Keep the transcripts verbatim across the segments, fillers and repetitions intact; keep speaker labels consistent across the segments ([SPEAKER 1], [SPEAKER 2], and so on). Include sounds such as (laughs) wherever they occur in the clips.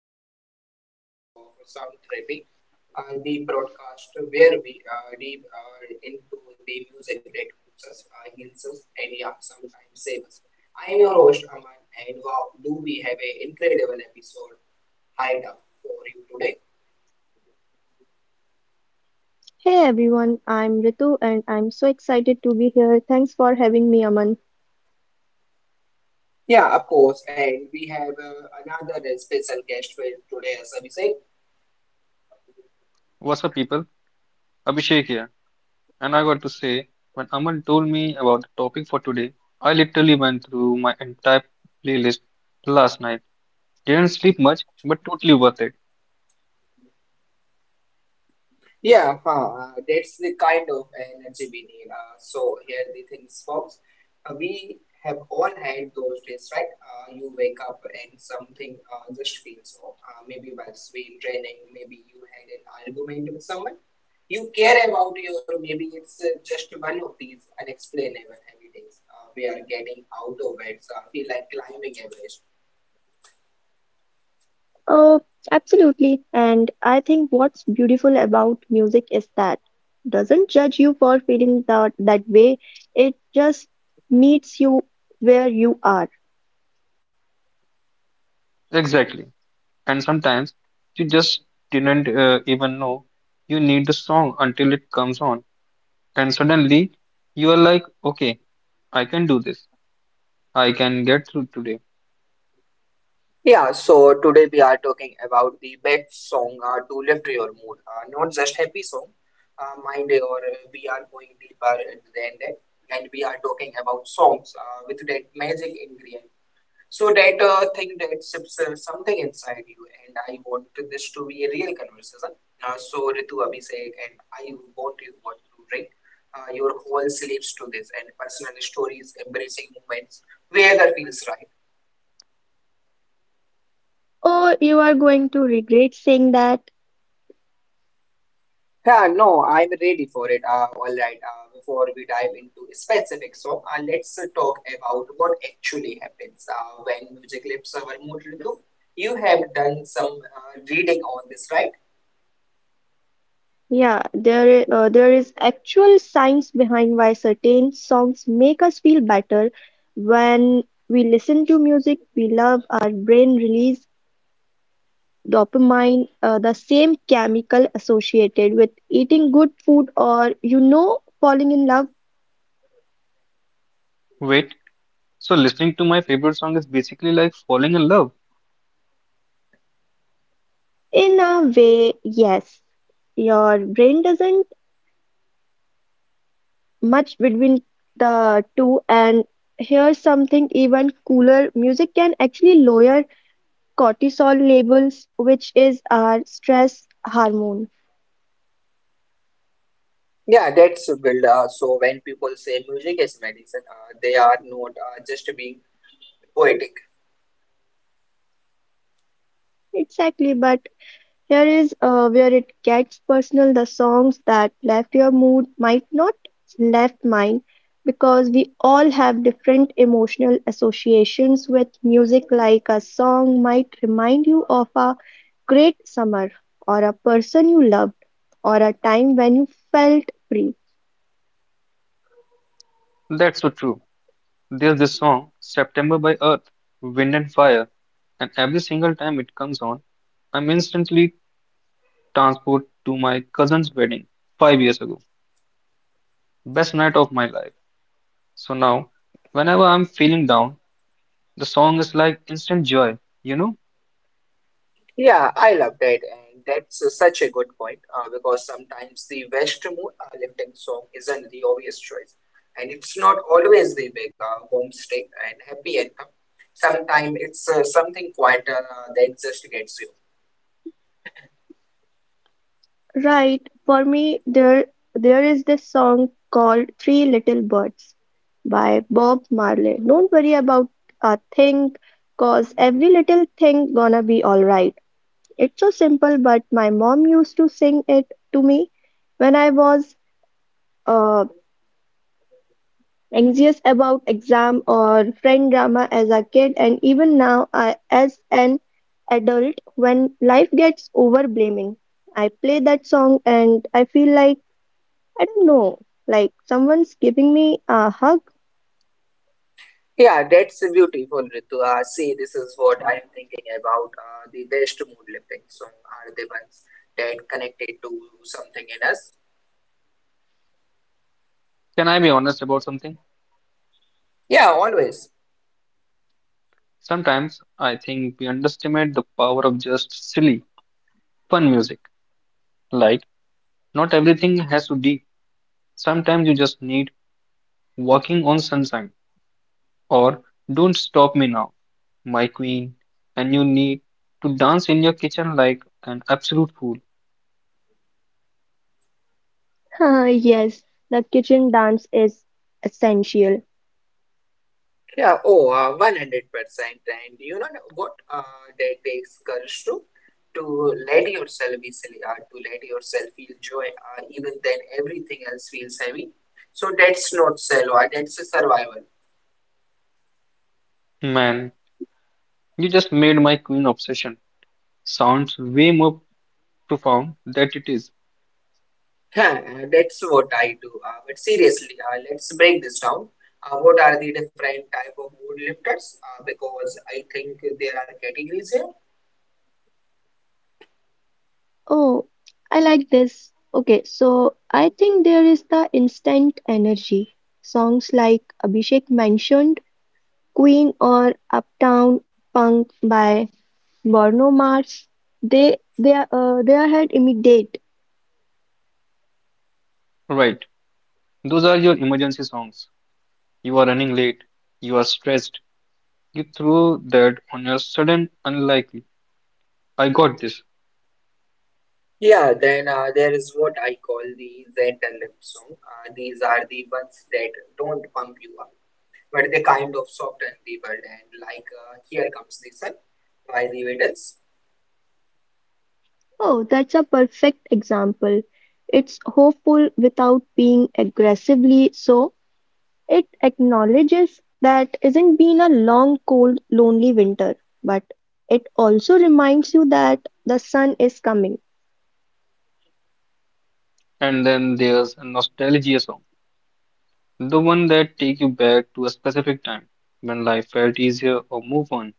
[SPEAKER 1] back to another episode of Sound Therapy, uh, the broadcast where we uh, deep uh, into the music that moves us, uh, heals us, and yeah, sometimes saves us. I am your host Aman, and wow, do we have an incredible episode lined up for you today?
[SPEAKER 2] Hey everyone, I'm Ritu and I'm so excited to be here. Thanks for having me, Aman.
[SPEAKER 1] Yeah, of course, and we have uh, another special guest for today, Abhishek.
[SPEAKER 3] What's up, people? Abhishek here. And I got to say, when Aman told me about the topic for today, I literally went through my entire playlist last night. Didn't sleep much, but totally worth it.
[SPEAKER 1] Yeah, huh, uh, that's the kind of energy we need. Uh, so here the things, folks. Uh, we have all had those days, right? Uh, you wake up and something uh, just feels off. Uh, maybe while we training, maybe you had an argument with someone you care about you, or maybe it's uh, just one of these unexplainable holidays. Uh, we are getting out of bed, so I feel like climbing Everest.
[SPEAKER 2] Oh, absolutely. And I think what's beautiful about music is that doesn't judge you for feeling that that way. It just meets you where you are.
[SPEAKER 3] Exactly. And sometimes you just didn't uh, even know you need the song until it comes on. And suddenly you are like, okay, I can do this. I can get through today.
[SPEAKER 1] Yeah, so today we are talking about the best song uh, to lift your mood, uh, not just happy song. Uh, mind or uh, we are going deeper than that, and we are talking about songs uh, with that magic ingredient. So that uh, thing that sips uh, something inside you, and I want this to be a real conversation. Uh, so Ritu Abhishek, and I want you what to bring uh, your whole sleeves to this, and personal stories, embracing moments, where the feels right.
[SPEAKER 2] Oh, you are going to regret saying that.
[SPEAKER 1] Yeah, no, I'm ready for it. Uh, all right, uh, before we dive into specifics, so uh, let's uh, talk about what actually happens uh, when music leaves our mood. Ritu. You have done some uh, reading on this, right?
[SPEAKER 2] Yeah, there i- uh, there is actual science behind why certain songs make us feel better when we listen to music we love, our brain releases dopamine, uh, the same chemical associated with eating good food or, you know, falling in love?
[SPEAKER 3] Wait, so listening to my favorite song is basically like falling in love.
[SPEAKER 2] In a way, yes. Your brain doesn't much between the two, and here's something even cooler. Music can actually lower cortisol levels, which is our stress hormone.
[SPEAKER 1] Yeah, that's build. Uh, so when people say music is medicine, uh, they are not uh, just being poetic.
[SPEAKER 2] Exactly, but here is uh, where it gets personal. The songs that left your mood might not left mine, because we all have different emotional associations with music. Like a song might remind you of a great summer or a person you loved or a time when you felt free.
[SPEAKER 3] That's so true. There's this song, September by Earth, Wind and Fire, and every single time it comes on, I'm instantly transported to my cousin's wedding five years ago. Best night of my life. So now, whenever I'm feeling down, the song is like instant joy, you know?
[SPEAKER 1] Yeah, I love that, and that's uh, such a good point uh, because sometimes the best mood uh, lifting song isn't the obvious choice, and it's not always the big uh, boomstick and happy anthem. Sometimes it's uh, something quieter uh, that just gets you.
[SPEAKER 2] Right, for me there there is this song called Three Little Birds by Bob Marley. Don't worry about a thing, cause every little thing gonna be alright. It's so simple, but my mom used to sing it to me when I was uh, anxious about exam or friend drama as a kid, and even now I, as an adult, when life gets overblaming, I play that song and I feel like, I don't know, like someone's giving me a hug.
[SPEAKER 1] Yeah, that's beautiful, Ritu. Uh, see, this is what I'm thinking about. Uh, the best mood lifting song are the ones that connected to something in us.
[SPEAKER 3] Can I be honest about something?
[SPEAKER 1] Yeah, always.
[SPEAKER 3] Sometimes I think we underestimate the power of just silly, fun music. Like, not everything has to be. Sometimes you just need walking on sunshine, or Don't Stop Me Now, My Queen, and you need to dance in your kitchen like an absolute fool.
[SPEAKER 2] (laughs) Yes, the kitchen dance is essential.
[SPEAKER 1] Yeah, oh, uh, one hundred percent. And you know what uh, that takes courage to? To let yourself be silly, uh, to let yourself feel joy, uh, even then everything else feels heavy. So that's not solo, uh, that's a survival.
[SPEAKER 3] Man, you just made my queen obsession sounds way more profound than it is.
[SPEAKER 1] Yeah, uh, that's what I do. Uh, but seriously, uh, let's break this down. Uh, what are the different type of mood lifters? Uh, because I think there are categories here.
[SPEAKER 2] Oh, I like this. Okay, so I think there is the instant energy. Songs like Abhishek mentioned, Queen or Uptown Funk by Bruno Mars, they they are uh, they are immediate.
[SPEAKER 3] Right, those are your emergency songs. You are running late, you are stressed, you threw that on your sudden unlikely. I got this.
[SPEAKER 1] Yeah, then uh, there is what I call the gentle lip song. Uh, these are the ones that don't pump you up, but they kind of soften the world. And like uh, Here Comes the Sun by the Beatles.
[SPEAKER 2] Oh, that's a perfect example. It's hopeful without being aggressively so. It acknowledges that isn't been a long, cold, lonely winter, but it also reminds you that the sun is coming.
[SPEAKER 3] And then there's a nostalgia song, the one that take you back to a specific time when life felt easier or move on.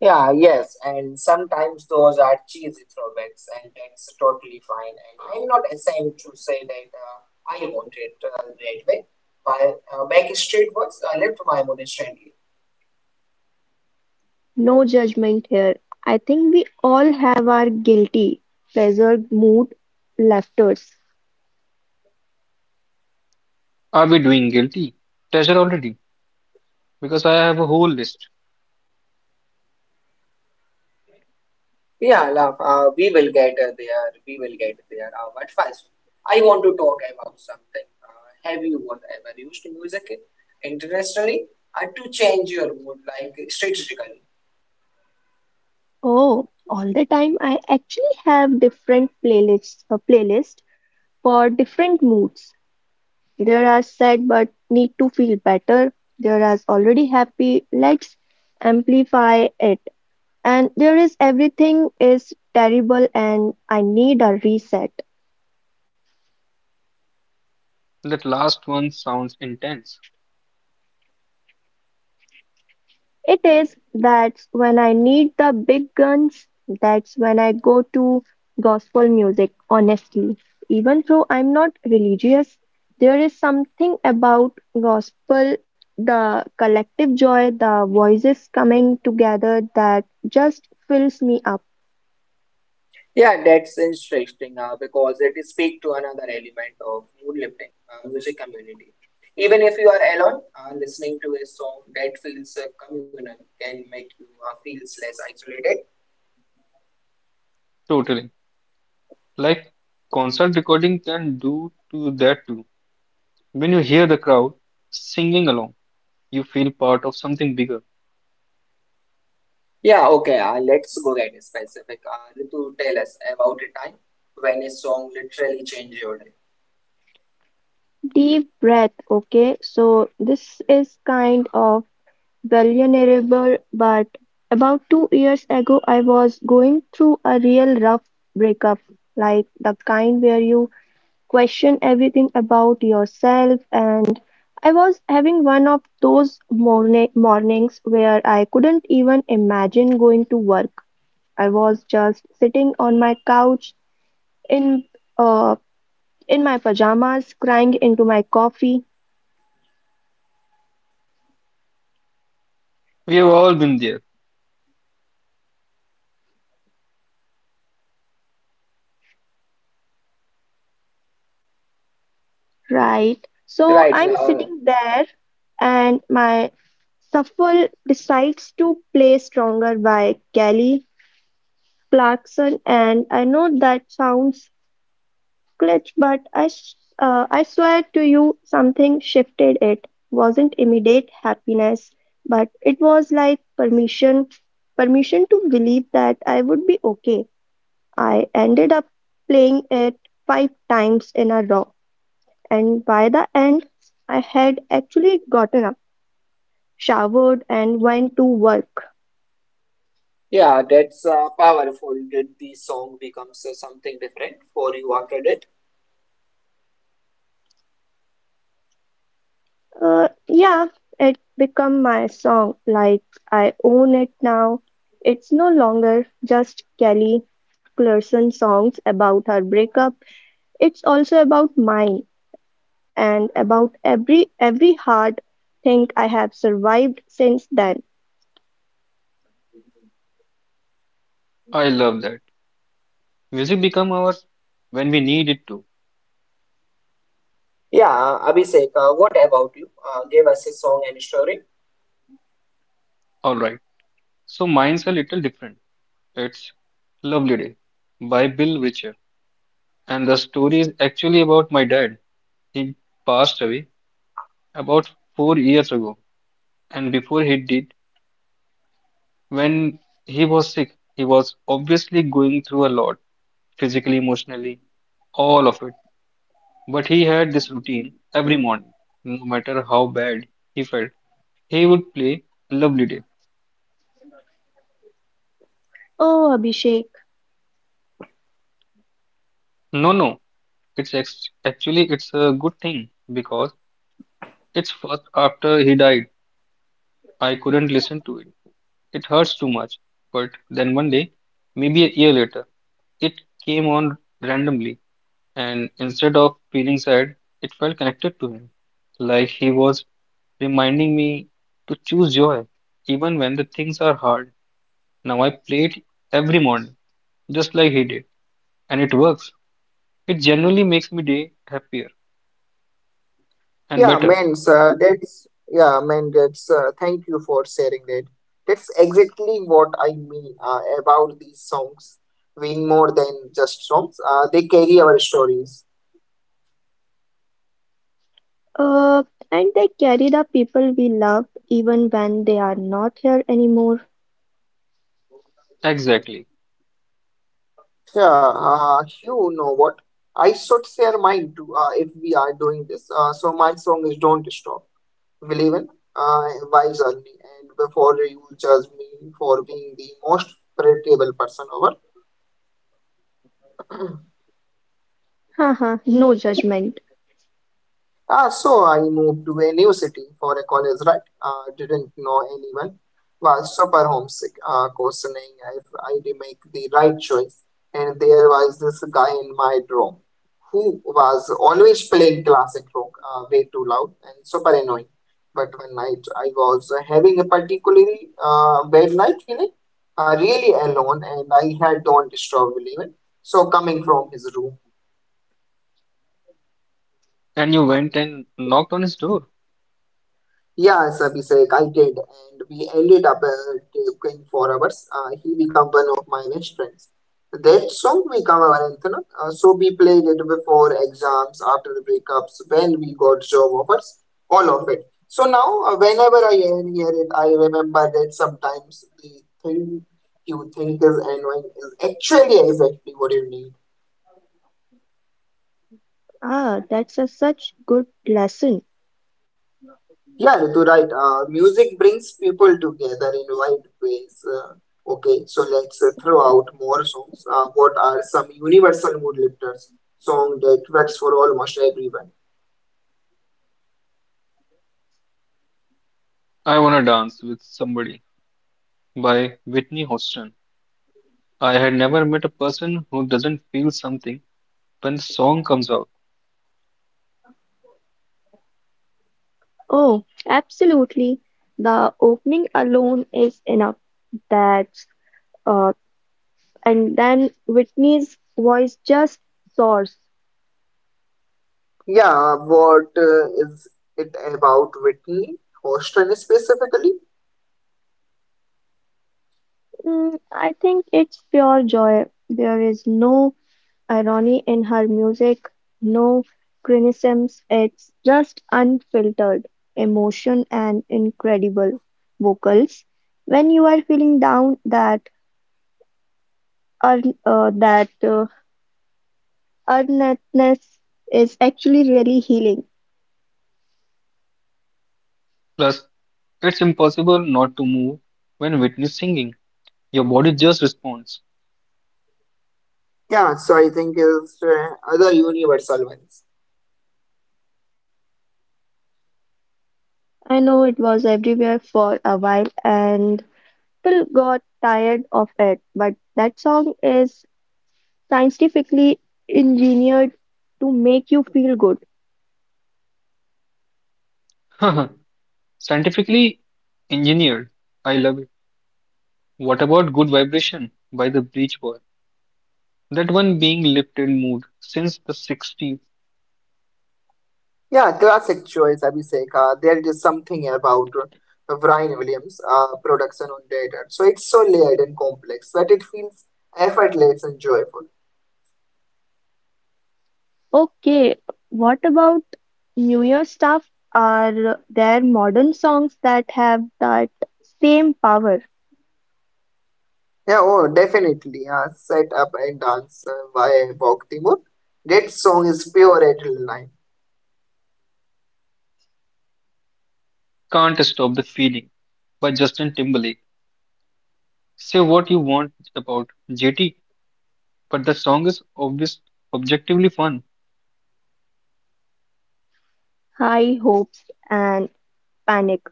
[SPEAKER 1] Yeah, yes, and sometimes those are cheesy throwbacks, and that's totally fine. And I'm not ashamed to say that uh, I want it uh, that way. By uh, Backstreet Boys, I left my mood instantly.
[SPEAKER 2] No judgment here. I think we all have our guilty pleasure mood laughters.
[SPEAKER 3] Are we doing guilty pleasure already? Because I have a whole list.
[SPEAKER 1] Yeah, love. Uh, we will get uh, there. We will get there. Uh, but first, I want to talk about something. Uh, have you both ever used music internationally uh, to change your mood, like strategically?
[SPEAKER 2] Oh, all the time. I actually have different playlists, a playlist for different moods. There are sad but need to feel better. There are already happy, let's amplify it. And there is everything is terrible and I need a reset.
[SPEAKER 3] That last one sounds intense.
[SPEAKER 2] It is. That's when I need the big guns, that's when I go to gospel music, honestly. Even though I'm not religious, there is something about gospel, the collective joy, the voices coming together that just fills me up.
[SPEAKER 1] Yeah, that's interesting uh, because it speaks to another element of mood lifting, uh, music community. Even if you are alone, uh, listening to a song that feels uh, communal can make you uh, feel less isolated.
[SPEAKER 3] Totally. Like concert recording can do to that too. When you hear the crowd singing along, you feel part of something bigger.
[SPEAKER 1] Yeah, okay, uh, let's go get specific. Uh, Ritu, tell us about a time when a song literally changed your day.
[SPEAKER 2] Deep breath, okay? So, this is kind of vulnerable, but about two years ago I was going through a real rough breakup, like the kind where you question everything about yourself, and I was having one of those morning mornings where I couldn't even imagine going to work. I was just sitting on my couch in uh, in my pajamas, crying into my coffee,
[SPEAKER 3] We have all been there.
[SPEAKER 2] right? So
[SPEAKER 1] Right,
[SPEAKER 2] I'm
[SPEAKER 1] uh,
[SPEAKER 2] sitting there and my Shuffle decides to play "Stronger" by Kelly Clarkson, and I know that sounds glitch, but I s- uh, I swear to you something shifted. It wasn't immediate happiness, but it was like permission, permission to believe that I would be okay. I ended up playing it five times in a row, and by the end, I had actually gotten up, showered, and went to work.
[SPEAKER 1] Yeah, that's uh, powerful. Did the song becomes uh, something different for you after that?
[SPEAKER 2] Uh, yeah, it become my song. Like, I own it now. It's no longer just Kelly Clarkson songs about her breakup. It's also about mine and about every every hard thing I have survived since then.
[SPEAKER 3] I love that. Music become ours when we need it to.
[SPEAKER 1] Yeah, uh, Abhishek, uh, what about you? Uh, give us a song and story.
[SPEAKER 3] All right. So mine's a little different. It's Lovely Day by Bill Richard. And the story is actually about my dad. He passed away about four years ago. And before he did, when he was sick, he was obviously going through a lot, physically, emotionally, all of it. But he had this routine every morning. No matter how bad he felt, he would play Lovely Day.
[SPEAKER 2] Oh, Abhishek.
[SPEAKER 3] No, no, it's ex- actually it's a good thing because it's first after he died. I couldn't listen to it. It hurts too much. But then one day, maybe a year later, it came on randomly and instead of feeling sad, it felt connected to him, like he was reminding me to choose joy, even when the things are hard. Now I play it every morning, just like he did, and it works. It generally makes me day happier and
[SPEAKER 1] Yeah,
[SPEAKER 3] better.
[SPEAKER 1] man, uh, that's yeah, man, that's uh, thank you for sharing that. That's exactly what I mean uh, about these songs being more than just songs. Uh, they carry our stories.
[SPEAKER 2] Uh, and they carry the people we loved even when they are not here anymore.
[SPEAKER 3] Exactly.
[SPEAKER 1] Yeah, uh, You know what? I should share mine too uh, if we are doing this. Uh, so my song is Don't Stop, Believe in uh, by Zalmi. And before you judge me for being the most predictable person ever,
[SPEAKER 2] (laughs) Haha, no judgment.
[SPEAKER 1] Ah, so I moved to a new city for a college, right? Uh, didn't know anyone. Was super homesick, uh, questioning if I'd make the right choice. And there was this guy in my room who was always playing classic rock, uh, way too loud and super annoying. But one night I was having a particularly uh, bad night, feeling uh, really alone, and I had don't disturb even. So coming from his room.
[SPEAKER 3] And you went and knocked on his door.
[SPEAKER 1] Yeah, Abhishek, I did, and we ended up uh, going for hours. Uh, he became one of my best friends. That song became our anthem. Uh, so we played it before exams, after the breakups, when we got job offers, all of it. So now, uh, whenever I hear it, I remember that sometimes the thing you think is annoying is actually exactly what you need.
[SPEAKER 2] Ah, that's a such good lesson.
[SPEAKER 1] Yeah, Ritu, right. Uh, music brings people together in wide ways. Uh, okay, so let's uh, throw out more songs. Uh, what are some universal mood lifters? Song that works for almost everyone.
[SPEAKER 3] I wanna dance with somebody by Whitney Houston. I had never met a person who doesn't feel something when the song comes out.
[SPEAKER 2] Oh, absolutely. The opening alone is enough. That's uh, and then Whitney's voice just soars.
[SPEAKER 1] Yeah, what uh, is it about Whitney Houston specifically?
[SPEAKER 2] Mm, I think it's pure joy. There is no irony in her music, no criticisms. It's just unfiltered emotion and incredible vocals. When you are feeling down, that earn, uh, that uh, earnestness is actually really healing.
[SPEAKER 3] Plus, it's impossible not to move when witness singing. Your body just responds.
[SPEAKER 1] Yeah, So I think is uh, other universal ones.
[SPEAKER 2] I know it was everywhere for a while and people got tired of it, but that song is scientifically engineered to make you feel good.
[SPEAKER 3] (laughs) Scientifically engineered. I love it. What about Good Vibration by the Beach Boy? That one being lifted mood since the sixties.
[SPEAKER 1] Yeah, classic choice, Abhishek. Uh, there is something about uh, Brian Williams' uh, production on Data. So it's so layered and complex that it feels effortless and joyful.
[SPEAKER 2] Okay, what about New Year stuff? Are there modern songs that have that same power?
[SPEAKER 1] Yeah, oh, definitely. Uh, set up and dance uh, by Bok Timur. That song is pure adrenaline.
[SPEAKER 3] Can't Stop the Feeling by Justin Timberlake. Say what you want about J T, but the song is obvious, objectively fun.
[SPEAKER 2] High hopes and panic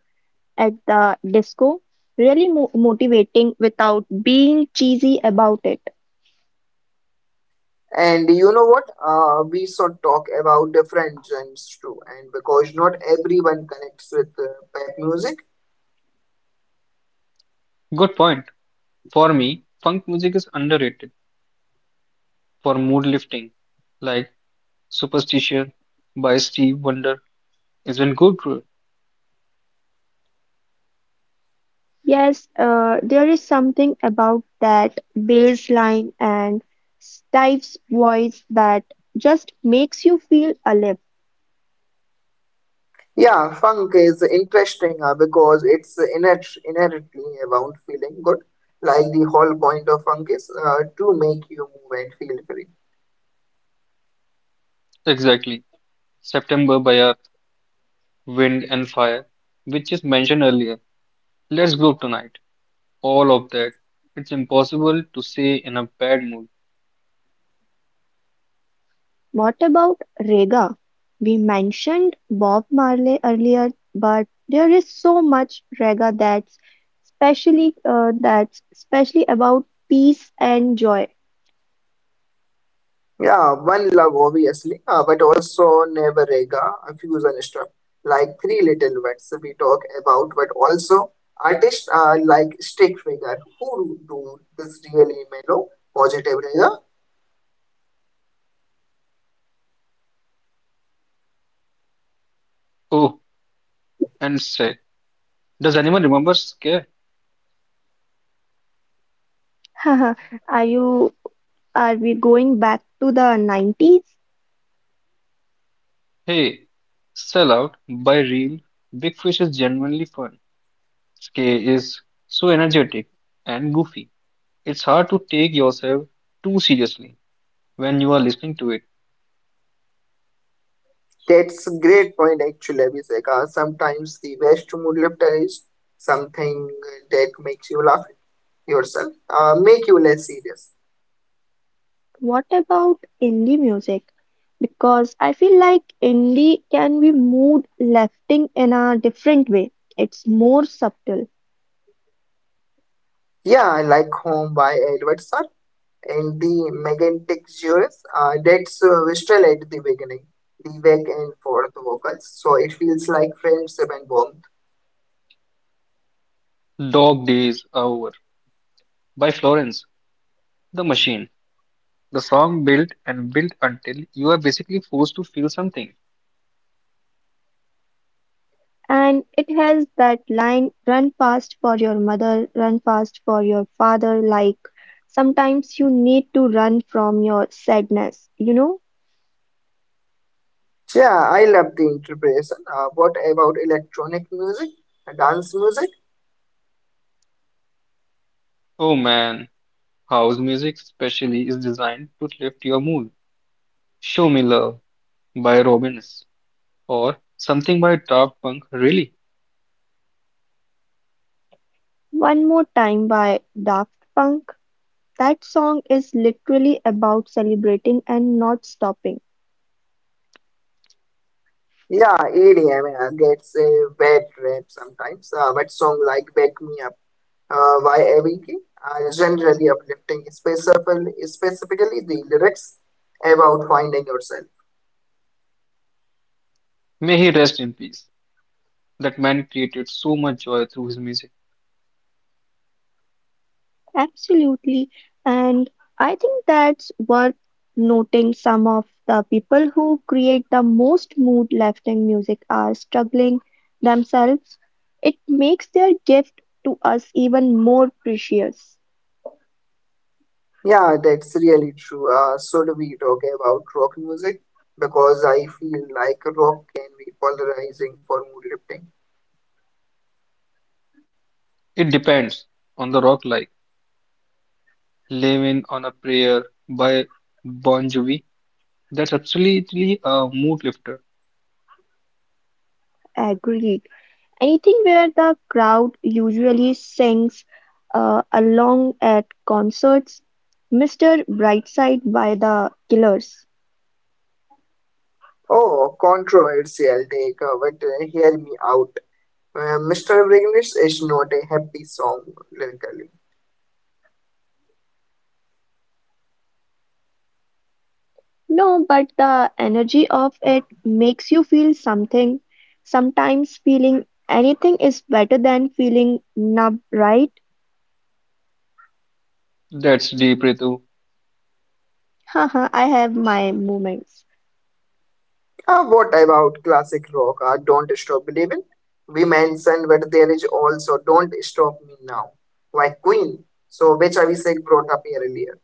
[SPEAKER 2] at the disco? Really mo motivating without being cheesy about it.
[SPEAKER 1] And you know what? Uh, we should talk about different genres too. And because not everyone connects with uh, pop music.
[SPEAKER 3] Good point. For me, funk music is underrated for mood lifting, like Superstition by Steve Wonder is when Godra,
[SPEAKER 2] Yes, uh, there is something about that bass line and Stive's voice that just makes you feel alive.
[SPEAKER 1] Yeah, Funk is interesting uh, because it's inher inherently about feeling good. Like the whole point of funk is uh, to make you move and feel free.
[SPEAKER 3] exactly, September by Earth, Wind and Fire, which is mentioned earlier. Let's go tonight. All of that. It's impossible to say in a bad mood.
[SPEAKER 2] What about Rega? We mentioned Bob Marley earlier, but there is so much Rega that's especially uh, that's especially about peace and joy.
[SPEAKER 1] Yeah, one love obviously, uh, but also never rega, a fusion stuff like three little wets we talk about, but also artists are like stick figure who do this really mellow, positive rega.
[SPEAKER 3] Oh, and say, does anyone remember Scare?
[SPEAKER 2] (laughs) Are you, are we going back to the nineties?
[SPEAKER 3] Hey, Sell Out by Real, Big Fish is genuinely fun. Scare is so energetic and goofy. It's hard to take yourself too seriously when you are listening to it.
[SPEAKER 1] That's a great point, actually, Abhishek. Uh, sometimes the best mood lifter is something that makes you laugh at yourself, uh, make you less serious.
[SPEAKER 2] What about indie music? Because I feel like indie can be mood lifting in a different way. It's more subtle.
[SPEAKER 1] Yeah, I like Home by Edward Said and the Megantic Juris. Uh, that's uh, Wistral at the beginning, the back and forth vocals, so it feels like friendship and warmth.
[SPEAKER 3] Dog Days Are Over by Florence, The Machine. The song built and built until you are basically forced to feel something.
[SPEAKER 2] And it has that line, run fast for your mother, run fast for your father. Like sometimes you need to run from your sadness, you know.
[SPEAKER 1] Yeah, I love the interpretation. Uh, what about electronic music, dance music?
[SPEAKER 3] Oh man, house music especially is designed to lift your mood. Show Me Love by Robins or something by Daft Punk really.
[SPEAKER 2] One More Time by Daft Punk. That song is literally about celebrating and not stopping.
[SPEAKER 1] Yeah, E D M uh, gets a bad rap sometimes, uh, but songs like Wake Me Up uh, by A B K are generally uplifting, specifically, specifically the lyrics about finding yourself.
[SPEAKER 3] May he rest in peace. That man created so much joy through his music.
[SPEAKER 2] Absolutely. And I think that's worth noting, some of the people who create the most mood lifting music are struggling themselves. It makes their gift to us even more precious.
[SPEAKER 1] Yeah, that's really true. Uh, should we talk about rock music? Because I feel like rock can be polarizing for mood lifting.
[SPEAKER 3] It depends on the rock like Living on a Prayer by Bon Jovi. That's absolutely a mood lifter.
[SPEAKER 2] Agreed. Anything where the crowd usually sings uh, along at concerts. mister Brightside by the Killers.
[SPEAKER 1] Oh, controversial take, uh, but uh, hear me out. Uh, mister English is not a happy song lyrically.
[SPEAKER 2] No, but the energy of it makes you feel something. Sometimes feeling anything is better than feeling numb, right?
[SPEAKER 3] That's deep, Ritu.
[SPEAKER 2] Haha, I have my moments.
[SPEAKER 1] Uh, what about classic rock? Uh, don't stop believing. We mentioned, but there is also Don't Stop Me Now by Queen. So, which Abhishek brought up here earlier.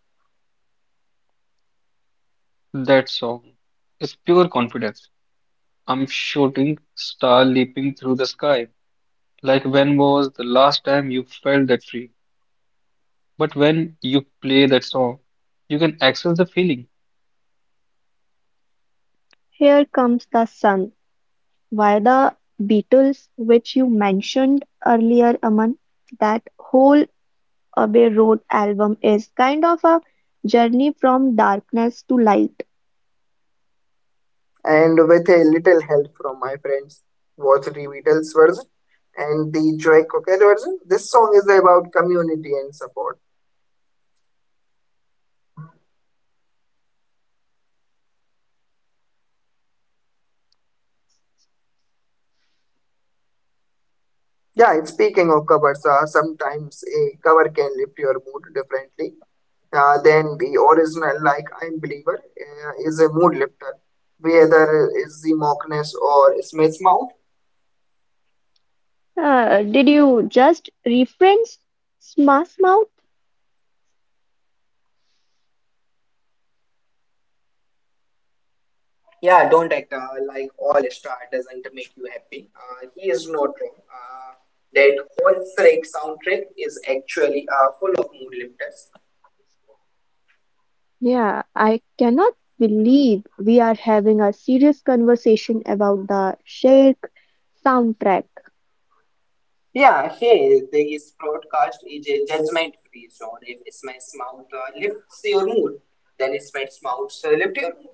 [SPEAKER 3] That song is pure confidence. I'm shooting star leaping through the sky. Like when was the last time you felt that free? But when you play that song, you can access the feeling.
[SPEAKER 2] Here comes the sun. Why the Beatles, which you mentioned earlier, Aman, that whole Abbey Road album is kind of a journey from darkness to light.
[SPEAKER 1] And with a little help from my friends, both the Beatles version and the Joy Cocker version, this song is about community and support. Yeah, and speaking of covers, uh, sometimes a cover can lift your mood differently uh, then the original, like I'm Believer uh, is a mood lifter whether is the Mockness or Smith's Mouth.
[SPEAKER 2] Uh, did you just reference Smash Mouth?
[SPEAKER 1] Yeah, don't act uh, like All Star doesn't make you happy. Uh, he is not wrong. Uh, that whole Shrek soundtrack is actually uh, full of mood lifters.
[SPEAKER 2] Yeah, I cannot believe we are having a serious conversation about the Sheikh soundtrack.
[SPEAKER 1] Yeah, hey, this broadcast is a judgment free zone. If Smith's Mouth uh, lifts your mood, then Smith's Mouth uh, lift your mood.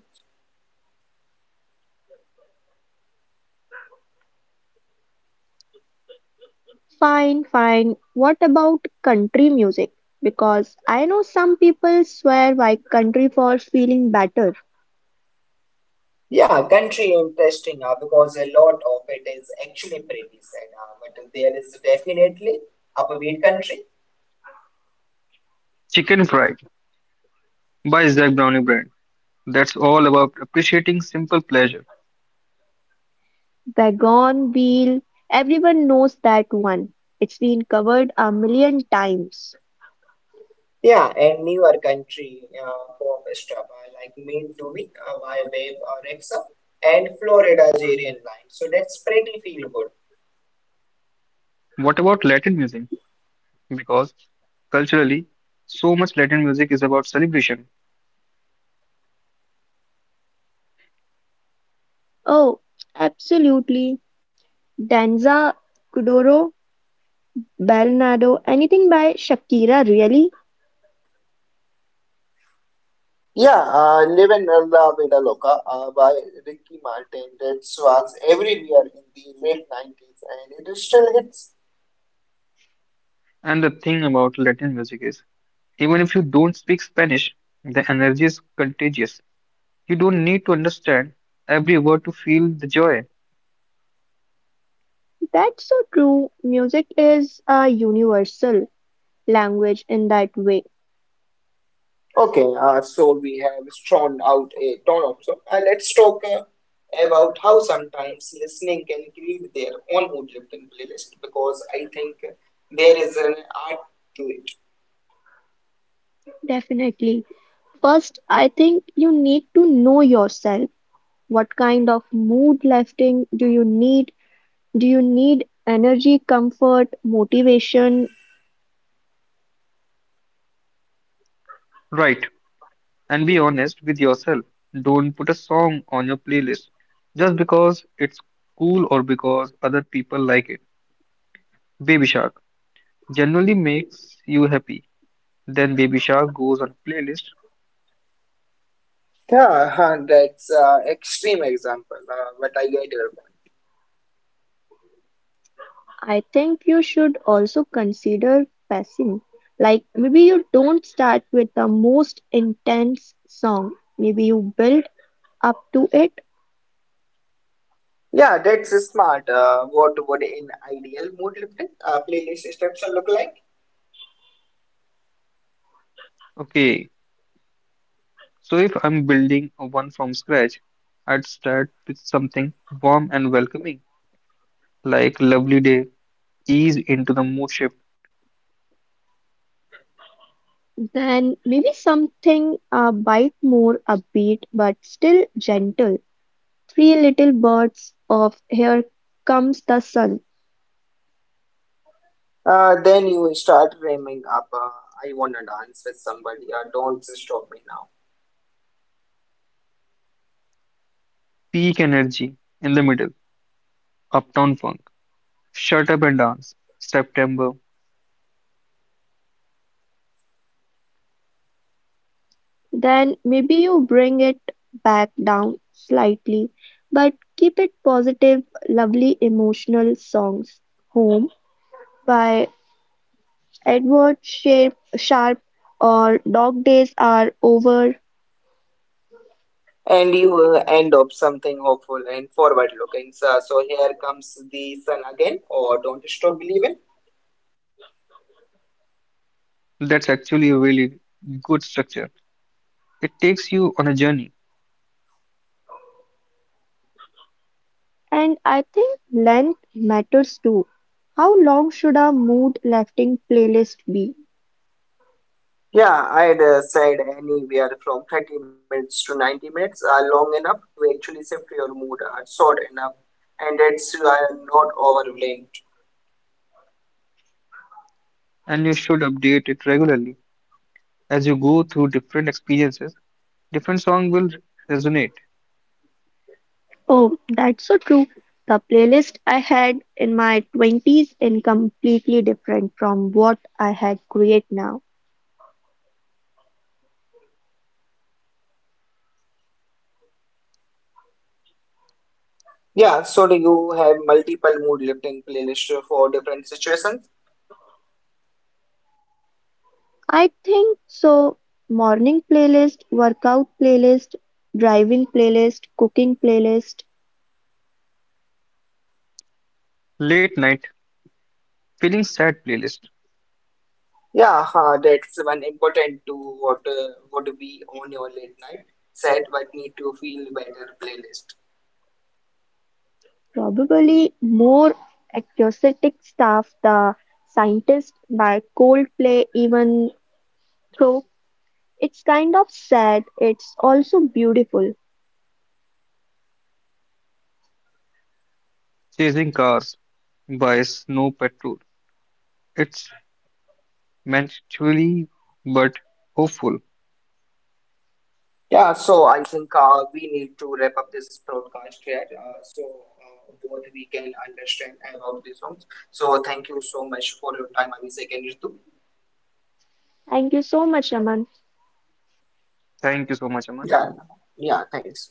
[SPEAKER 2] Fine, fine. What about country music? Because I know some people swear by country for feeling better.
[SPEAKER 1] Yeah, Country interesting uh, because a lot of it is actually pretty sad, uh, but there is definitely upbeat country.
[SPEAKER 3] Chicken Fried by Zach Browning Brand. That's all about appreciating simple pleasure.
[SPEAKER 2] Wagon wheel, everyone knows that one. It's been covered a million times.
[SPEAKER 1] Yeah, and newer country uh, pop stuff uh, like Mean to be uh, My Babe, or Rexa, and Florida's Aryan Line. So that's pretty feel good.
[SPEAKER 3] What about Latin music? Because culturally, so much Latin music is about celebration.
[SPEAKER 2] Oh, absolutely. Danza, Kuduro, Bernardo, anything by Shakira, really?
[SPEAKER 1] Yeah, uh, Live and La Vida Loca uh, by Ricky Martin, that was everywhere in the late nineties and it still hits.
[SPEAKER 3] And the thing about Latin music is, even if you don't speak Spanish, the energy is contagious. You don't need to understand every word to feel the joy.
[SPEAKER 2] That's so true. Music is a universal language in that way.
[SPEAKER 1] Okay, uh, so we have drawn out a ton of them, and let's talk uh, about how sometimes listening can create their own audio-driven playlist because I think there is an art to it.
[SPEAKER 2] Definitely. First, I think you need to know yourself. What kind of mood lifting do you need? Do you need energy, comfort, motivation?
[SPEAKER 3] Right, and be honest with yourself. Don't put a song on your playlist just because it's cool or because other people like it. Baby Shark generally makes you happy. Then Baby Shark goes on playlist.
[SPEAKER 1] Yeah, huh, that's uh, extreme example, uh, but I get your point.
[SPEAKER 2] I think you should also consider passing. Like maybe you don't start with the most intense song. Maybe you build up to it.
[SPEAKER 1] Yeah, that's smart. Uh, what would an ideal mood-lifting uh, playlist structure look like?
[SPEAKER 3] Okay, so if I'm building a one from scratch, I'd start with something warm and welcoming, like Lovely Day, ease into the mood shift,
[SPEAKER 2] Then maybe something a bit more upbeat but still gentle. Three little birds of here comes the sun.
[SPEAKER 1] Uh, then you start framing up. Uh, I wanna dance with somebody. Uh, don't stop me.
[SPEAKER 3] peak energy in the middle, Uptown Funk, Shut Up and Dance, September.
[SPEAKER 2] Then maybe you bring it back down slightly, but keep it positive, lovely emotional songs. Home by Edward Shape, Sharp, or Dog Days Are Over.
[SPEAKER 1] And you uh, end up something hopeful and forward looking. So, so here comes the sun again, or don't stop believing.
[SPEAKER 3] That's actually a really good structure. It takes you on a journey,
[SPEAKER 2] And I think length matters too. How long should our mood lifting playlist be?
[SPEAKER 1] Yeah, I'd uh, said anywhere from thirty minutes to ninety minutes are long enough to actually shift your mood, are short enough, and it's uh, not overwhelmed.
[SPEAKER 3] and you should update it regularly. As you go through different experiences, different song will resonate.
[SPEAKER 2] Oh, that's so true. The playlist I had in my twenties is completely different from what I had create now.
[SPEAKER 1] Yeah, so do you have multiple mood lifting playlists for different situations?
[SPEAKER 2] I think so, morning playlist, workout playlist, driving playlist, cooking playlist,
[SPEAKER 3] Late night, feeling sad playlist,
[SPEAKER 1] Yeah, uh, That's one important to what uh, would be on your late night set, but need to feel better playlist.
[SPEAKER 2] probably more acoustic stuff, the scientist by Coldplay, even though it's kind of sad, it's also beautiful.
[SPEAKER 3] chasing cars by Snow Patrol. It's mentally but hopeful.
[SPEAKER 1] Yeah, so I think uh, we need to wrap up this broadcast here uh, so uh, both we can understand about these songs. So thank you so much for your time, Abhishek and Ritu.
[SPEAKER 2] Thank you so much, Aman.
[SPEAKER 3] Thank you so much, Aman.
[SPEAKER 1] Yeah, yeah, thanks.